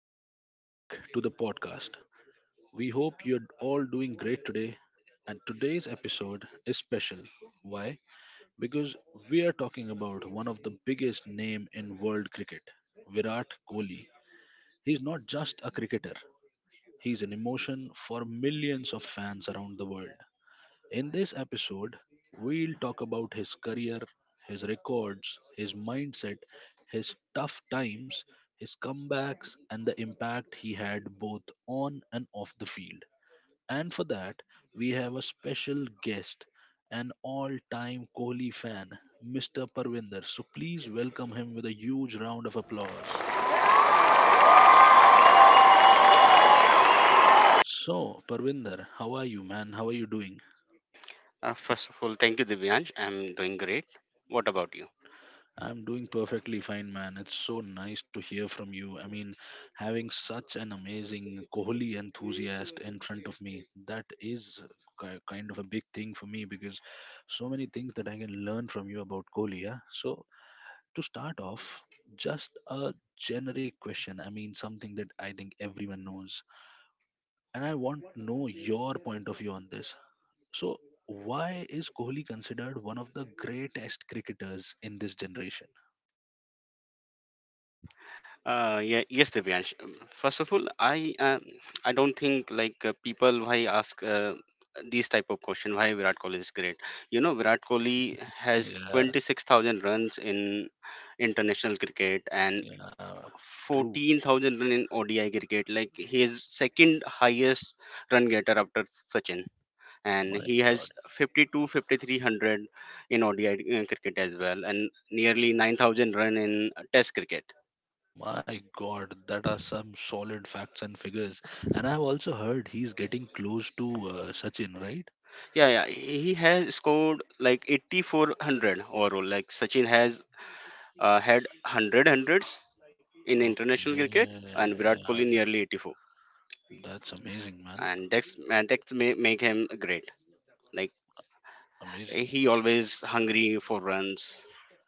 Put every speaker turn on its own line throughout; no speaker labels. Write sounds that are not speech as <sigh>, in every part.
Welcome back to the podcast. We hope you're all doing great today. And today's episode is special. Why? Because we are talking about one of the biggest name in world cricket, Virat Kohli. He's not just a cricketer. He's an emotion for millions of fans around the world. In this episode, we'll talk about his career, his records, his mindset, his tough times, his comebacks, and the impact he had both on and off the field. And for that, we have a special guest, an all time Kohli fan, Mr. Parvinder. So please welcome him with a huge round of applause. So, Parvinder, how are you, man? How are you doing?
First of all, thank you, Divyansh. I'm doing great. What about you?
I'm doing perfectly fine, man. It's so nice to hear from you. I mean, having such an amazing Kohli enthusiast in front of me, that is kind of a big thing for me because so many things that I can learn from you about Kohli. Yeah? So, to start off, just a generic question. I mean, something that I think everyone knows. And I want to know your point of view on this. So, why is Kohli considered one of the greatest cricketers in this generation?
Yeah, yes, Divyansh. First of all, I don't think like people why ask these type of question why Virat Kohli is great. You know, Virat Kohli has
Yeah.
26,000 runs in international cricket, and
Yeah, true.
14,000 run in ODI cricket. Like he is second highest run getter after Sachin,
Oh
and
my
he has
God.
52, 53 hundred in ODI cricket as well, and nearly 9,000 run in Test cricket.
My God, that are some solid facts and figures. And I've also heard he's getting close to Sachin, right?
Yeah, yeah, he has scored like 8,400 overall. Like Sachin has had 100 hundreds in international
Okay,
cricket, and Virat Kohli
yeah,
nearly 84.
that's amazing, man.
And that may make him great. Like
Amazing.
he always hungry for runs.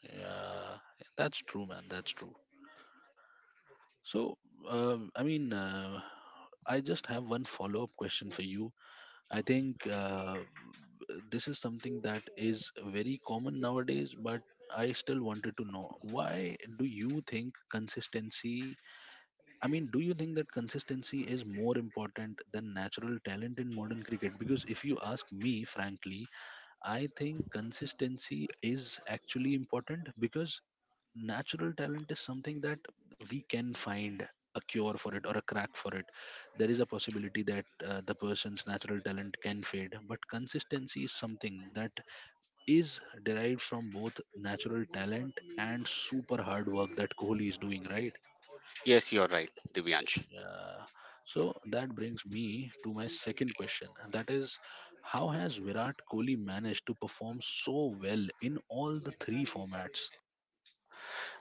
Yeah, that's true, man. That's true. So, I mean, I just have one follow-up question for you. I think this is something that is very common nowadays, but I still wanted to know why do you think consistency? I mean, do you think that consistency is more important than natural talent in modern cricket? Because if you ask me, frankly, I think consistency is actually important because natural talent is something that we can find a cure for it or a crack for it. There is a possibility that the person's natural talent can fade, but consistency is something that is derived from both natural talent and super hard work that Kohli is doing, right?
Yes, you're right, Divyansh.
Yeah. So that brings me to my second question, and that is how has Virat Kohli managed to perform so well in all the three formats?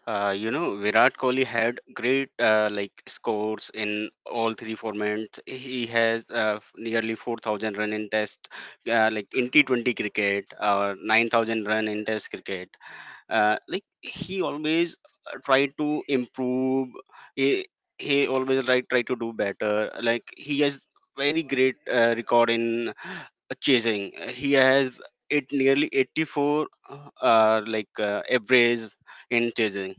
You know, Virat Kohli had great like scores in all three formats. He has nearly 4,000 run in test, like in T20 cricket, or 9,000 run in test cricket. Like he always try to improve. He, he always try to do better. Like he has very great record in chasing. He has it nearly 84 like average in chasing.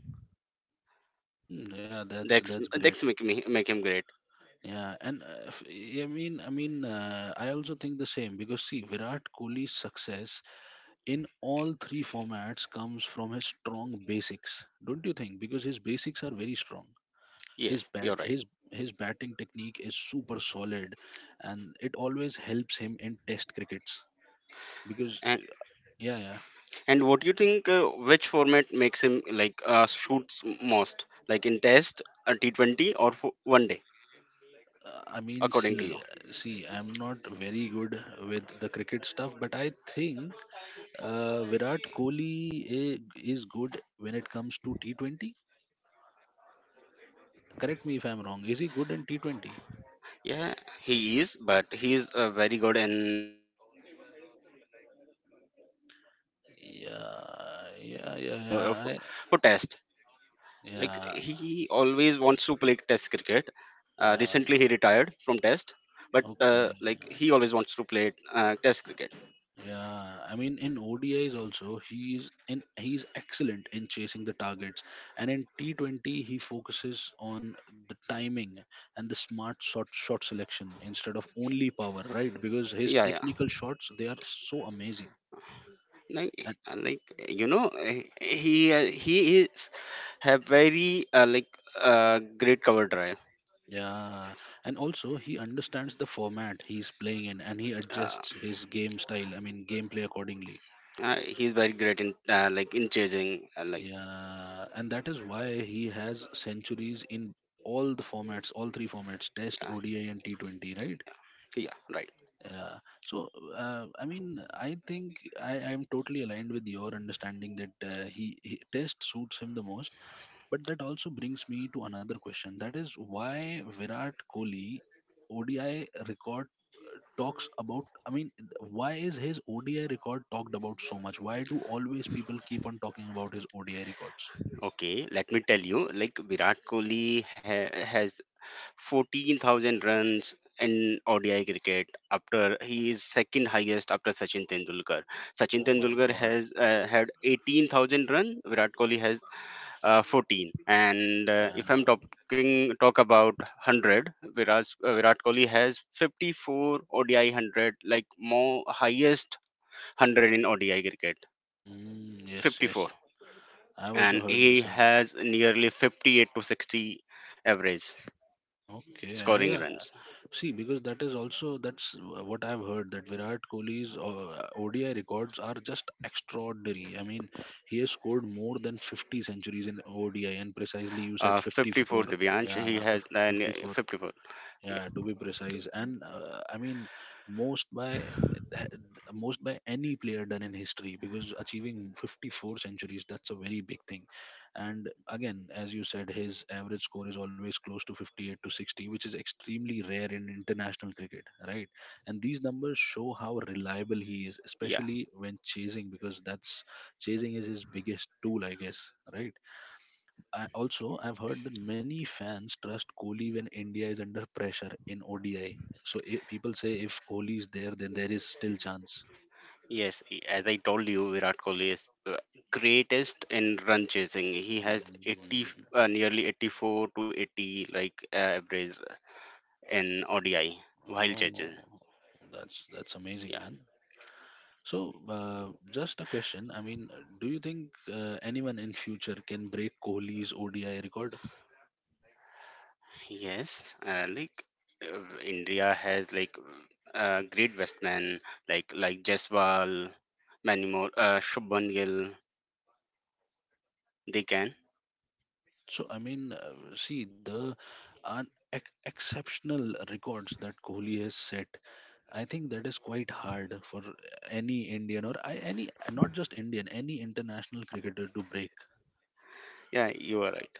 Yeah, that's
That's
that's great.
that's make him great.
Yeah, and I also think the same because see, Virat Kohli's success in all three formats comes from his strong basics, don't you think? Because his basics are very strong. His
Yes,
bat,
you're right.
his batting technique is super solid, and it always helps him in Test crickets. Because
And
yeah, yeah.
and what do you think? Which format makes him like shoots most? Like in test, a T20 or for one day,
I mean,
according to you?
see, I'm not very good with the cricket stuff, but I think Virat Kohli is good when it comes to T20. Correct me if I'm wrong. Is he good in T20?
Yeah, he is, but he is very good in ODI for ODI format or, for test.
Yeah, yeah,
Like
yeah, yeah.
he always wants to play test
Yeah,
cricket. Recently, he retired from Test,
yeah.
but like he always wants to
Okay.
play Test cricket.
Yeah, I mean in ODIs also he is excellent in chasing the targets, and in T20 he focuses on the timing and the smart shot selection instead of only power, right? Because his
Yeah, yeah.
technical shots they are so amazing. And
Like you know, uh, he is have very great cover drive.
yeah, and also he understands the format he's playing in, and he
Uh,
adjusts his game style. I mean gameplay accordingly.
he's very great in like in chasing. Like,
Yeah, and that is why he has centuries in all the formats, all three formats, Test,
yeah,
ODI, and T20, right?
yeah, right.
Yeah. So, I mean, I think I am totally aligned with your understanding that he Test suits him the most. But that also brings me to another question. That is why Virat Kohli ODI record talks about. I mean, why is his ODI record talked about so much? Why do always people keep on talking about his ODI records?
Okay, let me tell you. Like Virat Kohli has 14,000 runs in ODI cricket after he is second highest after Sachin Tendulkar. Sachin
Oh my
Tendulkar
God.
has had 18,000 runs. Virat Kohli has 14. And if I'm
Uh,
talk about 100, Virat Kohli has 54 ODI 100, like more highest 100 in ODI cricket.
yes, yes.
54,
I've also
and
heard the
he
same.
has nearly 58 to 60 average
Okay,
scoring
yeah.
runs.
See, because that is also that's what I've heard that Virat Kohli's ODI records are just extraordinary. I mean, he has scored more than 50 centuries in ODI, and precisely you said 54.
54, Divyansh.
Yeah,
He has
50, 54.
54. Yeah,
Yeah, to be precise. And I mean, most by th- most by any player done in history because achieving 54 centuries, that's a very big thing. And again, as you said, his average score is always close to 58 to 60, which is extremely rare in international cricket, right? And these numbers show how reliable he is,
yeah,
especially when chasing, because that's chasing is his biggest tool, I guess, right? I've heard that many fans trust Kohli when India is under pressure in ODI. So I people say if Kohli is there, then there is still chance.
yes. As I told you, Virat Kohli is the greatest in run chasing. He
Mm.
has 80, nearly 84 to 80 like average in ODI while
Oh,
chasing.
that's amazing,
Yeah,
man. So, just a question. I mean, do you think anyone in future can break Kohli's ODI record?
yes. Like India has like great batsmen like Jaiswal, many more. Shubman Gill. They can.
So I mean, see the exceptional records that Kohli has set. I think that is quite hard for any Indian, any, not just Indian, any international cricketer to break.
Yeah, you are right.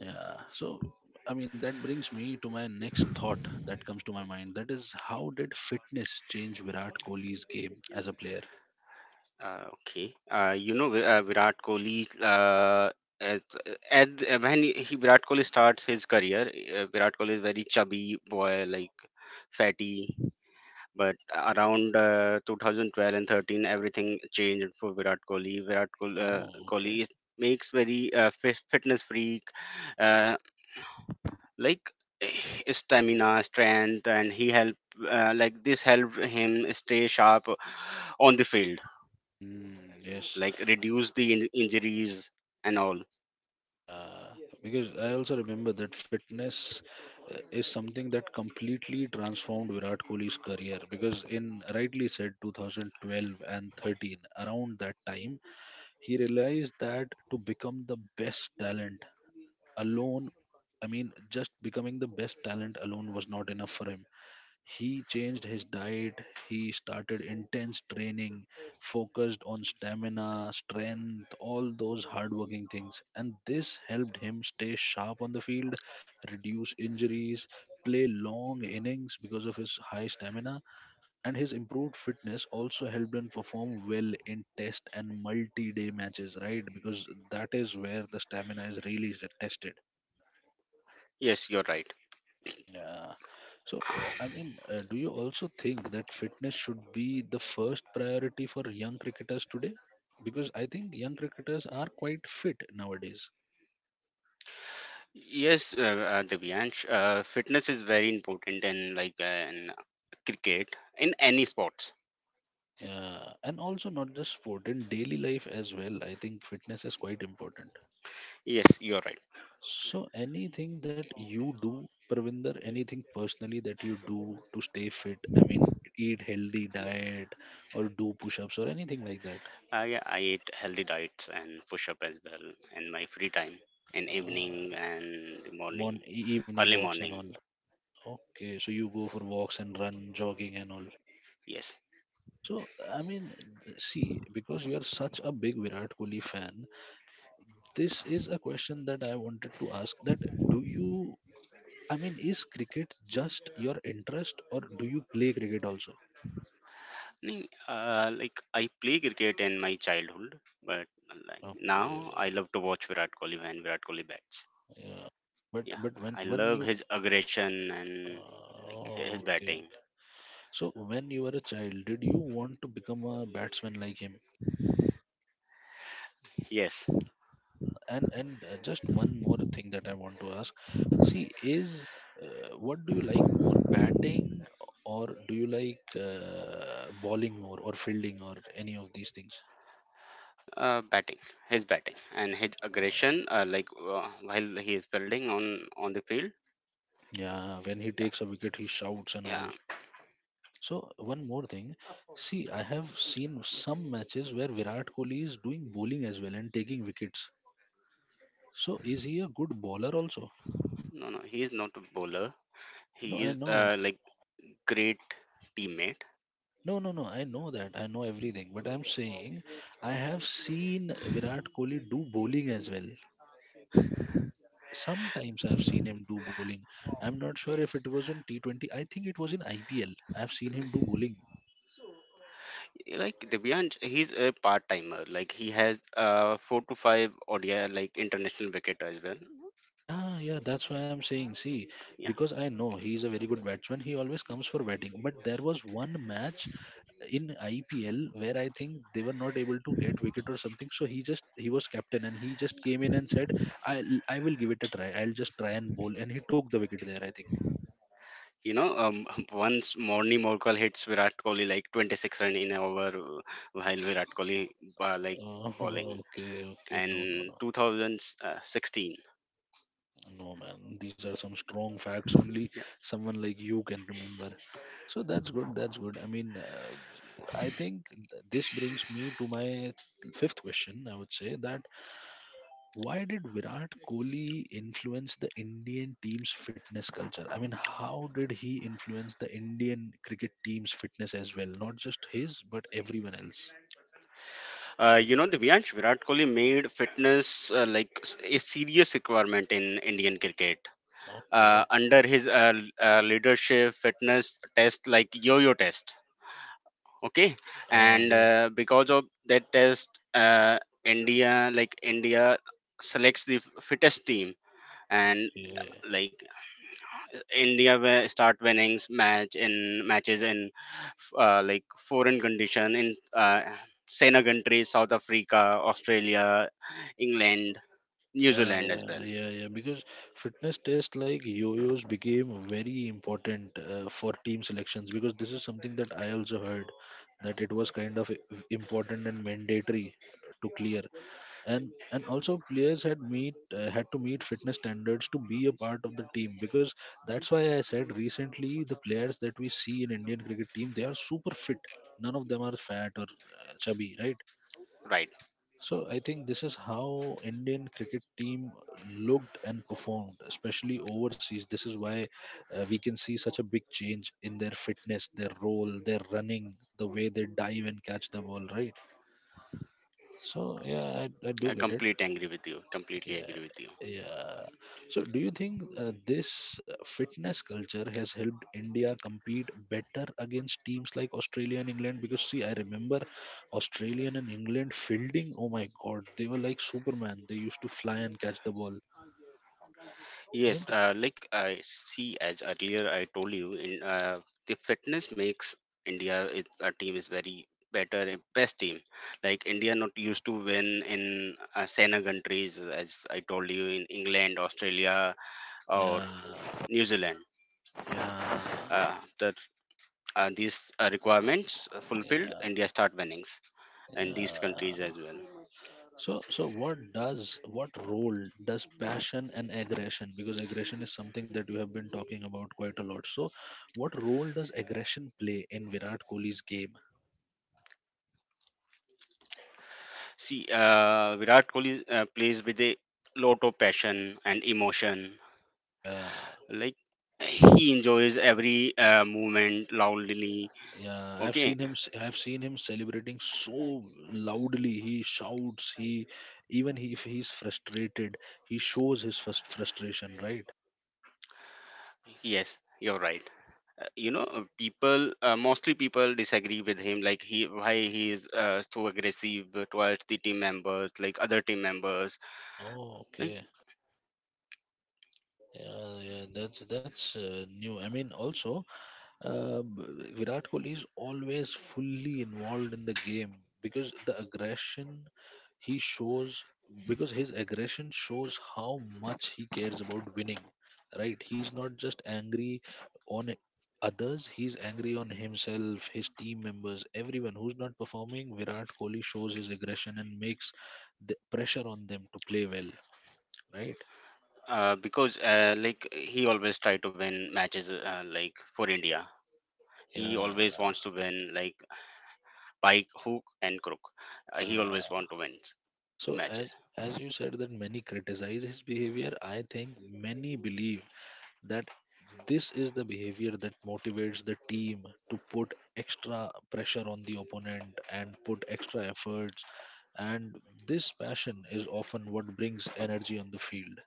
Yeah. So I mean, that brings me to my next thought that comes to my mind. That is, how did fitness change Virat Kohli's game as a player?
Okay. You know, Virat Kohli, at, at when Virat Kohli starts his career, Virat Kohli is very chubby boy, like fatty. But around 2012 and 13, everything changed for Virat Kohli.
Oh, okay.
Kohli is, Makes very fitness freak, uh, like <sighs> stamina, strength, and he help like this helped him stay sharp on the field,
Mm, yes.
like reduce the injuries and all.
Yeah. Because I also remember that fitness is something that completely transformed Virat Kohli's career because in rightly said 2012 and 13, around that time, he realized that to become the best talent alone, I mean just becoming the best talent alone was not enough for him. He changed his diet, he started intense training, focused on stamina, strength, all those hardworking things. And this helped him stay sharp on the field, reduce injuries, play long innings because of his high stamina. And his improved fitness also helped him perform well in test and multi day matches, right? Because that is where the stamina is really tested.
Yes, you're right.
Yeah. So, I mean, do you also think that fitness should be the first priority for young cricketers today? Because I think young cricketers are quite fit nowadays.
Yes, Divyansh, fitness is very important in, like, in cricket, in any sports.
Yeah, and also not just sport, in daily life as well, I think fitness is quite important.
Yes, you're right.
So, anything that you do, Pravinder, anything personally that you do to stay fit, I mean, eat healthy diet or do push ups or anything like that,
I eat healthy diets and push up as well in my free time in evening
uh,
and the morning,
one evening
early
walks and
morning.
all. Okay, so you go for walks and run, jogging and all.
Yes.
So, I mean, see, because you are such a big Virat Kohli fan, this is a question that I wanted to ask that do you, I mean, is cricket just your interest or do you play cricket also?
Like I play cricket in my childhood, but like now
Okay,
I love to watch Virat Kohli when Virat Kohli bats.
yeah. But
Yeah,
but when
I
when
love
you
his aggression and like his
okay,
batting.
okay. So when you were a child, did you want to become a batsman like him?
Yes,
And just one more thing that I want to ask. See is What do you like more, batting, or do you like bowling more, or fielding or any of these things?
uh, batting, his batting and his aggression.
uh,
Like while he is building on the field.
yeah, when he
Yeah,
takes a wicket he shouts and
yeah.
all. So one more thing, see I have seen some matches where Virat Kohli is doing bowling as well and taking wickets, so is he a good bowler also?
No, no, he is not a bowler.
no
He
i
is
know
like great teammate.
No, no, no. I know that. I know everything. But I'm saying I have seen Virat Kohli do bowling as well. Sometimes I've seen him do bowling. I'm not sure if it was in T20. I think it was in IPL. I've seen him do bowling.
Like Divyansh, he's a part timer. Like he has four to five ODI like international wicket as well.
Yeah, yeah, that's why I'm saying. See, because I know he's a very good batsman, he always comes for batting. But there was one match in IPL where I think they were not able to get wicket or something. So he was captain and he just came in and said, "I I will give it a try. I'll just try and bowl." And he took the wicket there, I think.
you know, um, <laughs> Once Morni Morkal hits Virat Kohli like 26 run in an over, while Virat Kohli like
Oh, <laughs>
bowling.
okay, okay. No, no,
And
no,
2016,
no, man. These are some strong facts. Only
yeah.
someone like you can remember. So that's good. That's good. I mean, I think this brings me to my fifth question. I would say that why did Virat Kohli influence the Indian team's fitness culture? I mean, how did he influence the Indian cricket team's fitness as well? Not just his, but everyone else.
You know, the Devansh Virat Kohli made fitness like a serious requirement in Indian cricket.
Okay.
Under his leadership, fitness test like yo-yo test. Okay,
Ah,
and
yeah.
because of that test, uh, India selects the fittest team, and
Okay.
like start winning matches in like foreign condition, in Sena countries, South Africa, Australia, England, New
Yeah,
Zealand as well.
yeah, yeah. Because fitness tests like yo-yos became very important for team selections because this is something that I also heard that it was kind of important and mandatory to clear. And also players had meet had to meet fitness standards to be a part of the team, because that's why I said recently the players that we see in Indian cricket team, they are super fit. None of them are fat or chubby, right?
Right,
So I think this is how Indian cricket team looked and performed, especially overseas. This is why we can see such a big change in their fitness, their role, their running, the way they dive and catch the ball, right? So yeah, I
I
do get it.
completely agree with you. Completely
Yeah,
agree with you.
yeah. So, do you think this fitness culture has helped India compete better against teams like Australia and England? Because, see, I remember Australian and England fielding, oh my god, they were like Superman. They used to fly and catch the ball,
Yes,
isn't it?
like I see, as earlier I told you, the fitness makes a team is very better and best team. Like India not used to win in Sena countries, as I told you, in England, Australia, or
Yeah,
New Zealand.
yeah,
After these requirements fulfilled,
yeah.
India start winnings in these countries
Yeah.
as well.
So, what role does passion and aggression? Because aggression is something that you have been talking about quite a lot. So, what role does aggression play in Virat Kohli's game?
See, Virat Kohli plays with a lot of passion and emotion,
Yeah,
like he enjoys every movement loudly.
yeah. I've
Okay.
seen him. I've seen him celebrating so loudly. He shouts. He if he's frustrated, he shows his first frustration. Right.
Yes, you're right. You know, people mostly people disagree with him, like he why he is so aggressive towards the team members, like other team members.
Oh,
like
okay. Yeah, yeah. That's new. I mean, also. Virat Kohli is always fully involved in the game because the aggression he shows, because his aggression shows how much he cares about winning, right? He's not just angry on others, he's angry on himself, his team members, everyone who's not performing. Virat Kohli shows his aggression and makes the pressure on them to play well, right?
because like he always try to win matches, like for India. He always
Yeah,
wants to win, like by hook and crook. He always
yeah.
want to win the
So
matches.
as as you said that many criticize his behavior, I think many believe that this is the behavior that motivates the team to put extra pressure on the opponent and put extra efforts, and this passion is often what brings energy on the field.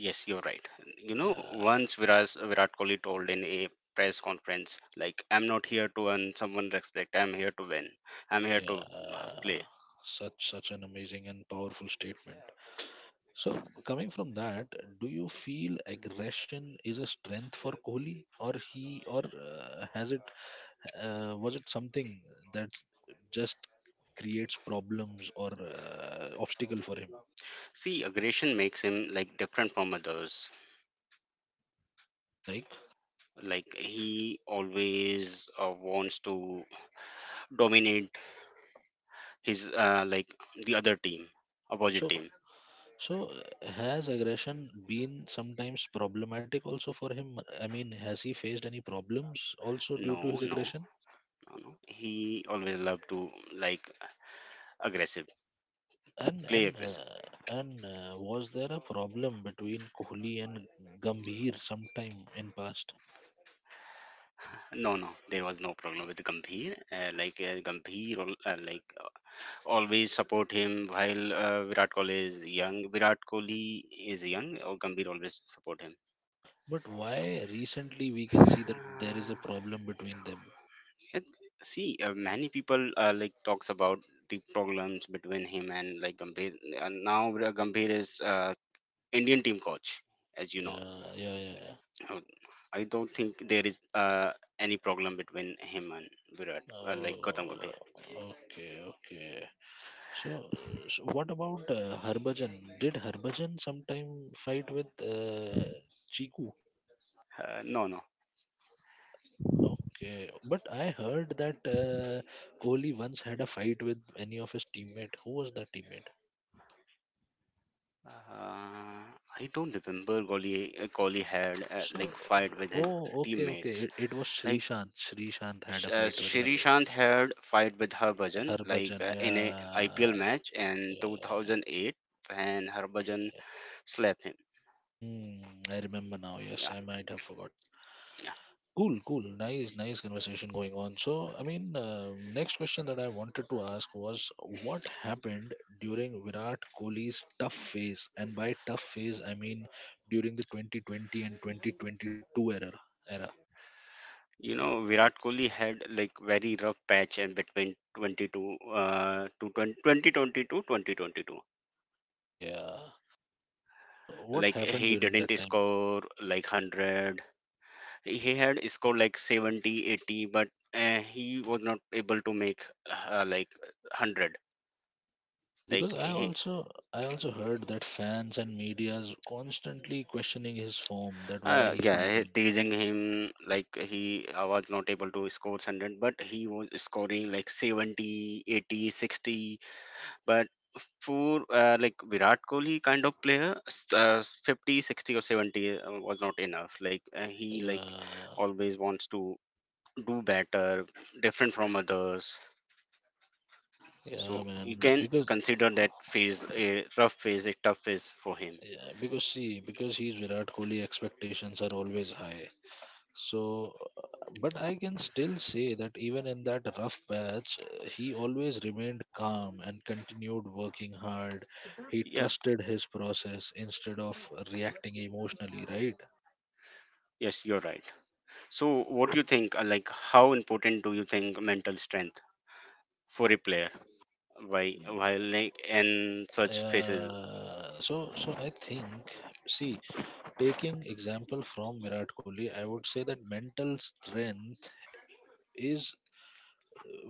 Yes, you're right. You know,
Yeah,
once Virat Kohli told in a press conference, like, I'm not here to earn someone respect, I'm here to win, I'm here to
yeah.
play.
Such an amazing and powerful statement. So coming from that, do you feel aggression is a strength for Kohli, or has it, was it something that just creates problems or obstacle for him?
See, aggression makes him like different from others.
Like
Like, he always wants to dominate like, the other team, opposite
so,
team.
so has aggression been sometimes problematic also for him? I mean, has he faced any problems also due
No,
to his
no,
aggression?
no, no. He always loved to like aggressive,
And
play
and
aggressive.
was there a problem between Kohli and Gambhir sometime in past?
No, no, there was no problem with Gambhir. Like Gambhir, like always support him while Virat Kohli is young. Virat Kohli is young, or Gambhir always support him.
But why recently we can see that there is
<sighs>
a problem between them?
Uh, it, See, many people like talks about the problems between him and like Gambhir. Now Gambhir is Indian team coach, as you know.
Yeah, yeah, yeah, yeah.
Uh, I don't think there is any problem between him and like Gautam
Oh,
Gambhir.
okay, okay. So, so what about Harbhajan? Did Harbhajan sometime fight with Chiku?
No, no.
Okay, but I heard that Kohli once had a fight with any of his teammate. Who was that teammate?
Uh, I don't remember Kohli had like
So,
fight with his
oh, okay, okay.
teammates.
It was
Like
Srishant. Srishant had a fight with Harbhajan.
Shrishant had fight with Harbhajan, like
Harbhajan,
in a IPL
yeah,
match in
yeah, yeah, yeah.
2008 when Harbhajan slapped him.
Mm, I remember now.
Yeah,
Yes, I might have forgot.
yeah.
Cool, cool. Nice, nice conversation going on. So, I mean, next question that I wanted to ask was what happened during Virat Kohli's tough phase? And by tough phase, I mean during the 2020 and 2022 era. era.
You know Virat Kohli had like very rough patch in between 22 to 20, 2022.
Yeah. So, what
Like
happened
he
during that
didn't
time?
score like 100. He had scored like 70, 80, but he was not able to make like 100,
Yeah, because
like he
I also heard that fans and media's constantly questioning his form, that why he's
yeah,
not doing.
teasing him like he was not able to score 100, but he was scoring like 70, 80, 60. But for like Virat Kohli kind of player, 50 60, or 70 was not enough, like he like
Yeah.
always wants to do better, different from others.
Yeah,
So you
man.
can
Because
consider that phase a rough phase, a tough phase for him.
yeah, because see, because he's Virat Kohli, expectations are always high. So, but I can still say that even in that rough patch, he always remained calm and continued working hard. He
Yeah,
trusted his process instead of reacting emotionally, right?
yes, you're right. So what do you think? Like, how important do you think mental strength for a player? Why, while like in such phases,
So, so I think, see, taking example from Virat Kohli, I would say that mental strength is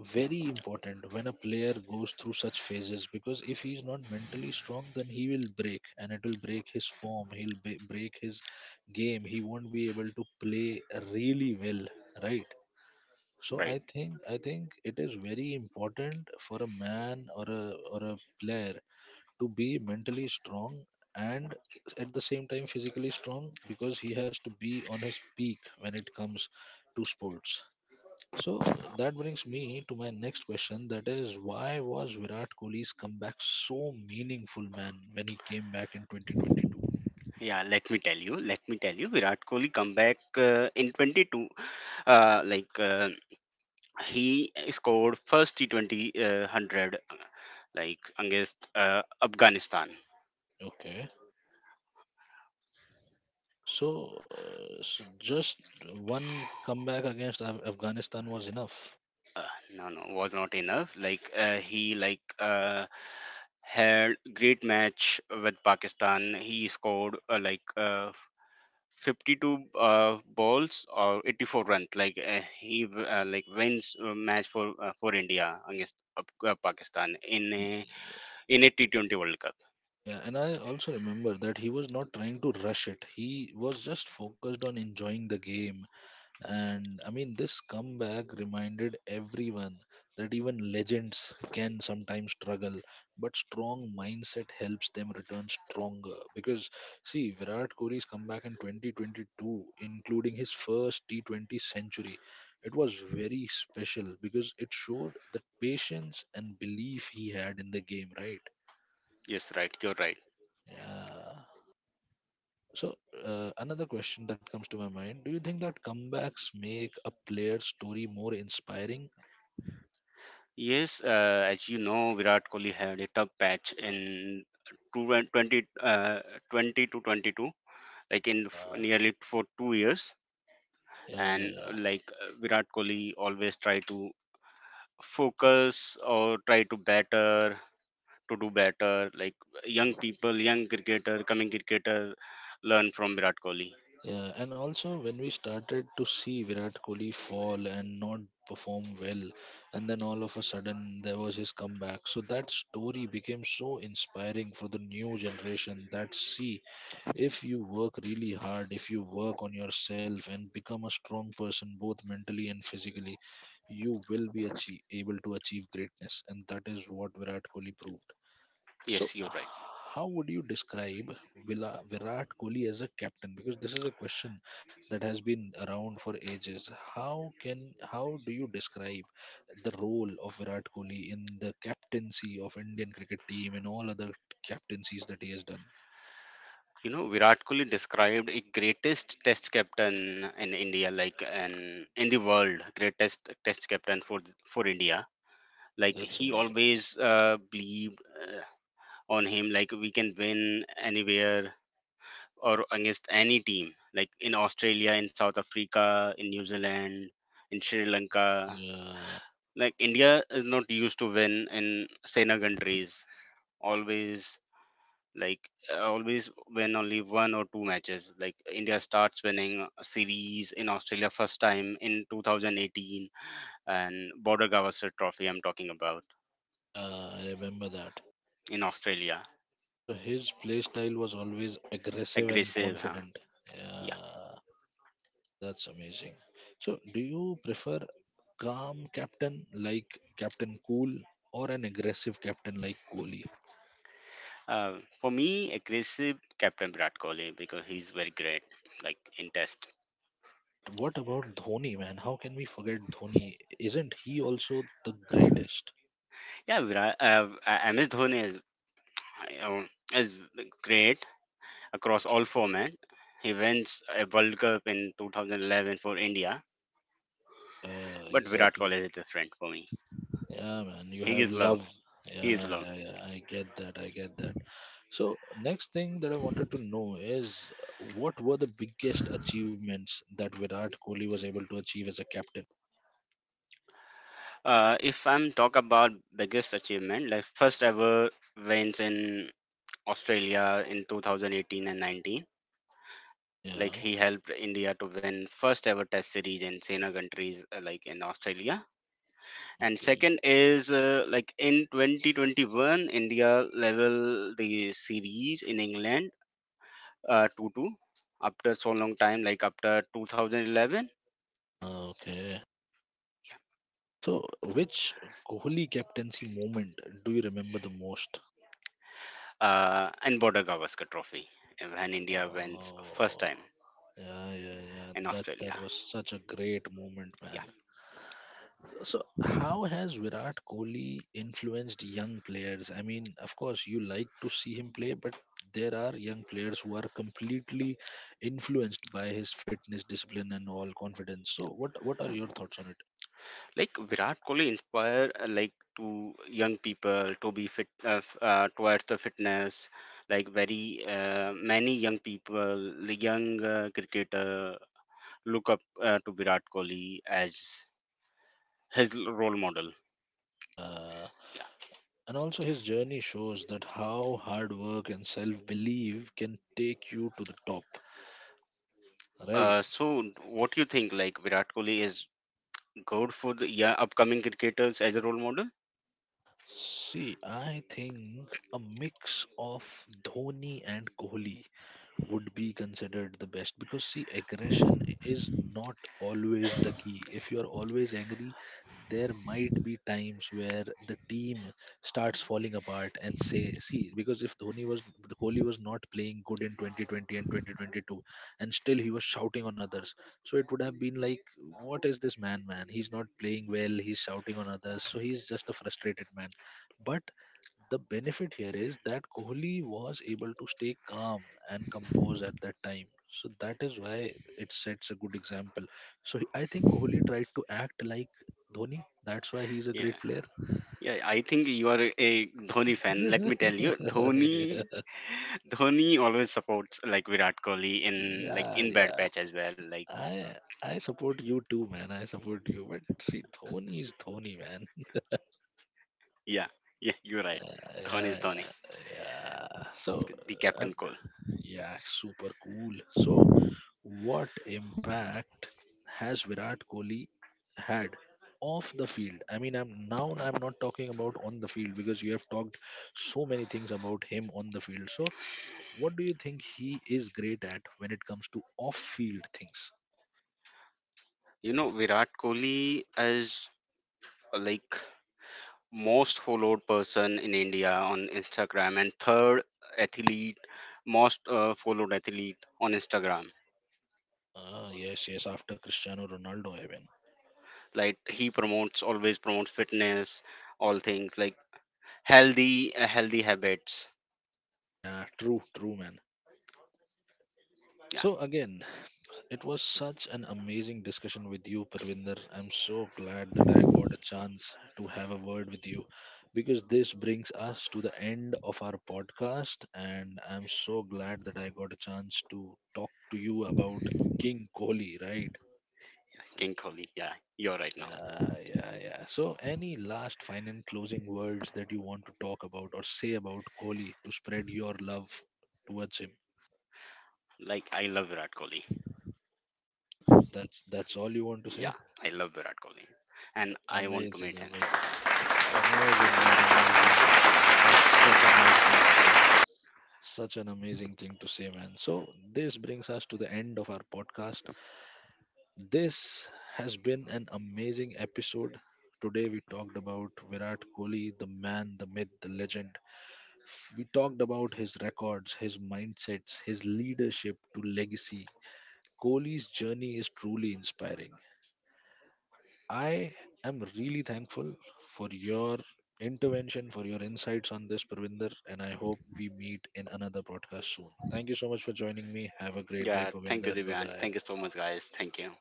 very important when a player goes through such phases because if he's not mentally strong then he will break, and it will break his form, he'll break his game, he won't be able to play really well, right? So
right?
I think it is very important for a man or a player to be mentally strong and at the same time physically strong because he has to be on his peak when it comes to sports. So that brings me to my next question. That is, why was Virat Kohli's comeback so meaningful, man, when he came back in 2022?
Yeah, let me tell you. Let me tell you. Virat Kohli comeback in 22. Like he scored first T20 hundred, like against Afghanistan.
Okay. So, s just one comeback against Afghanistan was enough.
uh, no, no, was not enough, like he like had great match with Pakistan. He scored like 52 balls or 84 runs. Like he like wins a match for India against Pakistan in a T20 World Cup.
Yeah, and I also remember that he was not trying to rush it. He was just focused on enjoying the game. And I mean, this comeback reminded everyone that even legends can sometimes struggle, but strong mindset helps them return stronger. Because, see, Virat Kohli's comeback in 2022, including his first T20 century, it was very special because it showed the patience and belief he had in the game, right?
Yes, right. You're right.
Yeah. So, another question that comes to my mind, do you think that comebacks make a player's story more inspiring?
Yes, as you know, Virat Kohli had a tough patch in 20, 20 to 22, like
Yeah,
nearly for 2 years.
yeah, yeah,
And
yeah.
like Virat Kohli always try to focus or try to better to do better, like young people, young cricketer coming cricketer learn from Virat Kohli.
Yeah, and also when we started to see Virat Kohli fall and not perform well, and then all of a sudden there was his comeback. So that story became so inspiring for the new generation that see, if you work really hard, if you work on yourself and become a strong person both mentally and physically, you will be able to achieve greatness. And that is what Virat Kohli proved. So,
Yes, you're right.
how would you describe Virat Kohli as a captain? Because this is a question that has been around for ages. How do you describe the role of Virat Kohli in the captaincy of Indian cricket team and all other captaincies that he has done?
You know, Virat Kohli described a greatest test captain in India, like and in the world, greatest test captain for India. Like
That's
he
amazing.
always believed on him, like we can win anywhere or against any team, like in Australia, in South Africa, in New Zealand, in Sri Lanka.
Yeah,
Like India is not used to win in Sena countries always, like always win only one or two matches. Like India starts winning a series in Australia first time in 2018, and border Gavaskar trophy I'm talking about,
yeah, I remember that.
in Australia.
So his play style was always aggressive and
Aggressive, huh?
confident.
Yeah.
Yeah. That's amazing. So, do you prefer calm captain like Captain Cool or an aggressive captain like Kohli?
uh, for me, aggressive captain Virat Kohli, because he's very great, like in test.
But what about Dhoni, man? How can we forget Dhoni? Isn't he also the greatest?
Yeah, virat MS Dhoni you is great across all formats. He wins a World Cup in 2011 for India,
Yeah,
but Virat
exactly.
Kohli is a friend for me.
Yeah, man, you
He
have
is love.
love.
He is
Yeah,
love.
yeah, yeah. I get that. I get that. So, next thing that I wanted to know is what were the biggest achievements that Virat Kohli was able to achieve as a captain?
If I'm talk about biggest achievement, like first ever wins in Australia in 2018 and 19.
Yeah,
Like he helped India to win first ever Test series in Sena countries, like in Australia. And
okay.
second is like in 2021, India level the series in England, 2-2 after so long time, like after 2011.
Okay. So, which Kohli captaincy moment do you remember the most?
And border Gavaskar trophy, when India wins first
Oh,
time
yeah, yeah, yeah.
in
That that
Australia.
was such a great moment, man.
Yeah,
So, how has Virat Kohli influenced young players? I mean, of course, you like to see him play, but there are young players who are completely influenced by his fitness, discipline, and all confidence. So, what are your thoughts on it?
like Virat Kohli inspire like to young people to be fit, towards the fitness. Like very many young people, the young cricketer look up to Virat Kohli as his role model.
Yeah.
Yeah.
And also, his journey shows that how hard work and self belief can take you to the top, right?
So what do you think? Like Virat Kohli is good for the, yeah, upcoming cricketers as a role model.
See, I think a mix of Dhoni and Kohli would be considered the best because see, aggression is not always the key. If you are always angry there might be times where the team starts falling apart, and say see, because if dhoni was the Kohli was not playing good in 2020 and 2022 and still he was shouting on others, so it would have been like, what is this man, man, he's not playing well, he's shouting on others, so he's just a frustrated man. But the benefit here is that Kohli was able to stay calm and composed at that time. So that is why it sets a good example. So I think Kohli tried to act like Dhoni. That's why he's a
Yeah,
great player.
yeah. I think you are a Dhoni
<laughs>
fan. Let me tell
Yeah,
you, Dhoni, <laughs> Dhoni always supports, like, Virat Kohli in, like, in bad
yeah.
patch as well. Like,
I I support you too, man. I support you. But see, Dhoni is Dhoni, man.
yeah, yeah. You're right. Dhoni
Yeah,
is Dhoni,
yeah, yeah. So,
the
uh,
captain Kohli.
yeah, super cool. So, what impact has Virat Kohli had off the field? I mean, I'm not talking about on the field because you have talked so many things about him on the field. So, what do you think he is great at when it comes to off-field things?
You know Virat Kohli is like most followed person in India on Instagram, and third athlete, most followed athlete on Instagram.
Ah, yes, yes. After Cristiano Ronaldo, I mean,
Like he promotes, always promotes fitness, all things like healthy habits.
yeah, true, true, man.
Yeah.
So again, it was such an amazing discussion with you, Parvinder. I'm so glad that I got a chance to have a word with you because this brings us to the end of our podcast. And I'm so glad that I got a chance to talk to you about King Kohli, right?
Yeah, king Kohli. Yeah, you're right now.
Yeah, yeah, yeah. So, any last final closing words that you want to talk about or say about Kohli to spread your love towards him?
Like, I love Virat Kohli.
That's all you want to say?
Yeah. I love Virat Kohli, and I want to
Amazing,
meet him.
amazing.
Yeah.
Amazing, man, amazing. That's such a nice thing to say. Such an amazing thing to say, man. So, this brings us to the end of our podcast. This has been an amazing episode. Today, we talked about Virat Kohli, the man, the myth, the legend. We talked about his records, his mindsets, his leadership to legacy. Kohli's journey is truly inspiring. I am really thankful for your intervention, for your insights on this, Pravinder, and I hope we meet in another podcast soon. Thank you so much for joining me. Have a great day,
Yeah, thank you,
Pravinder. Bye
Divyan.
bye.
Thank you so much, guys. Thank you.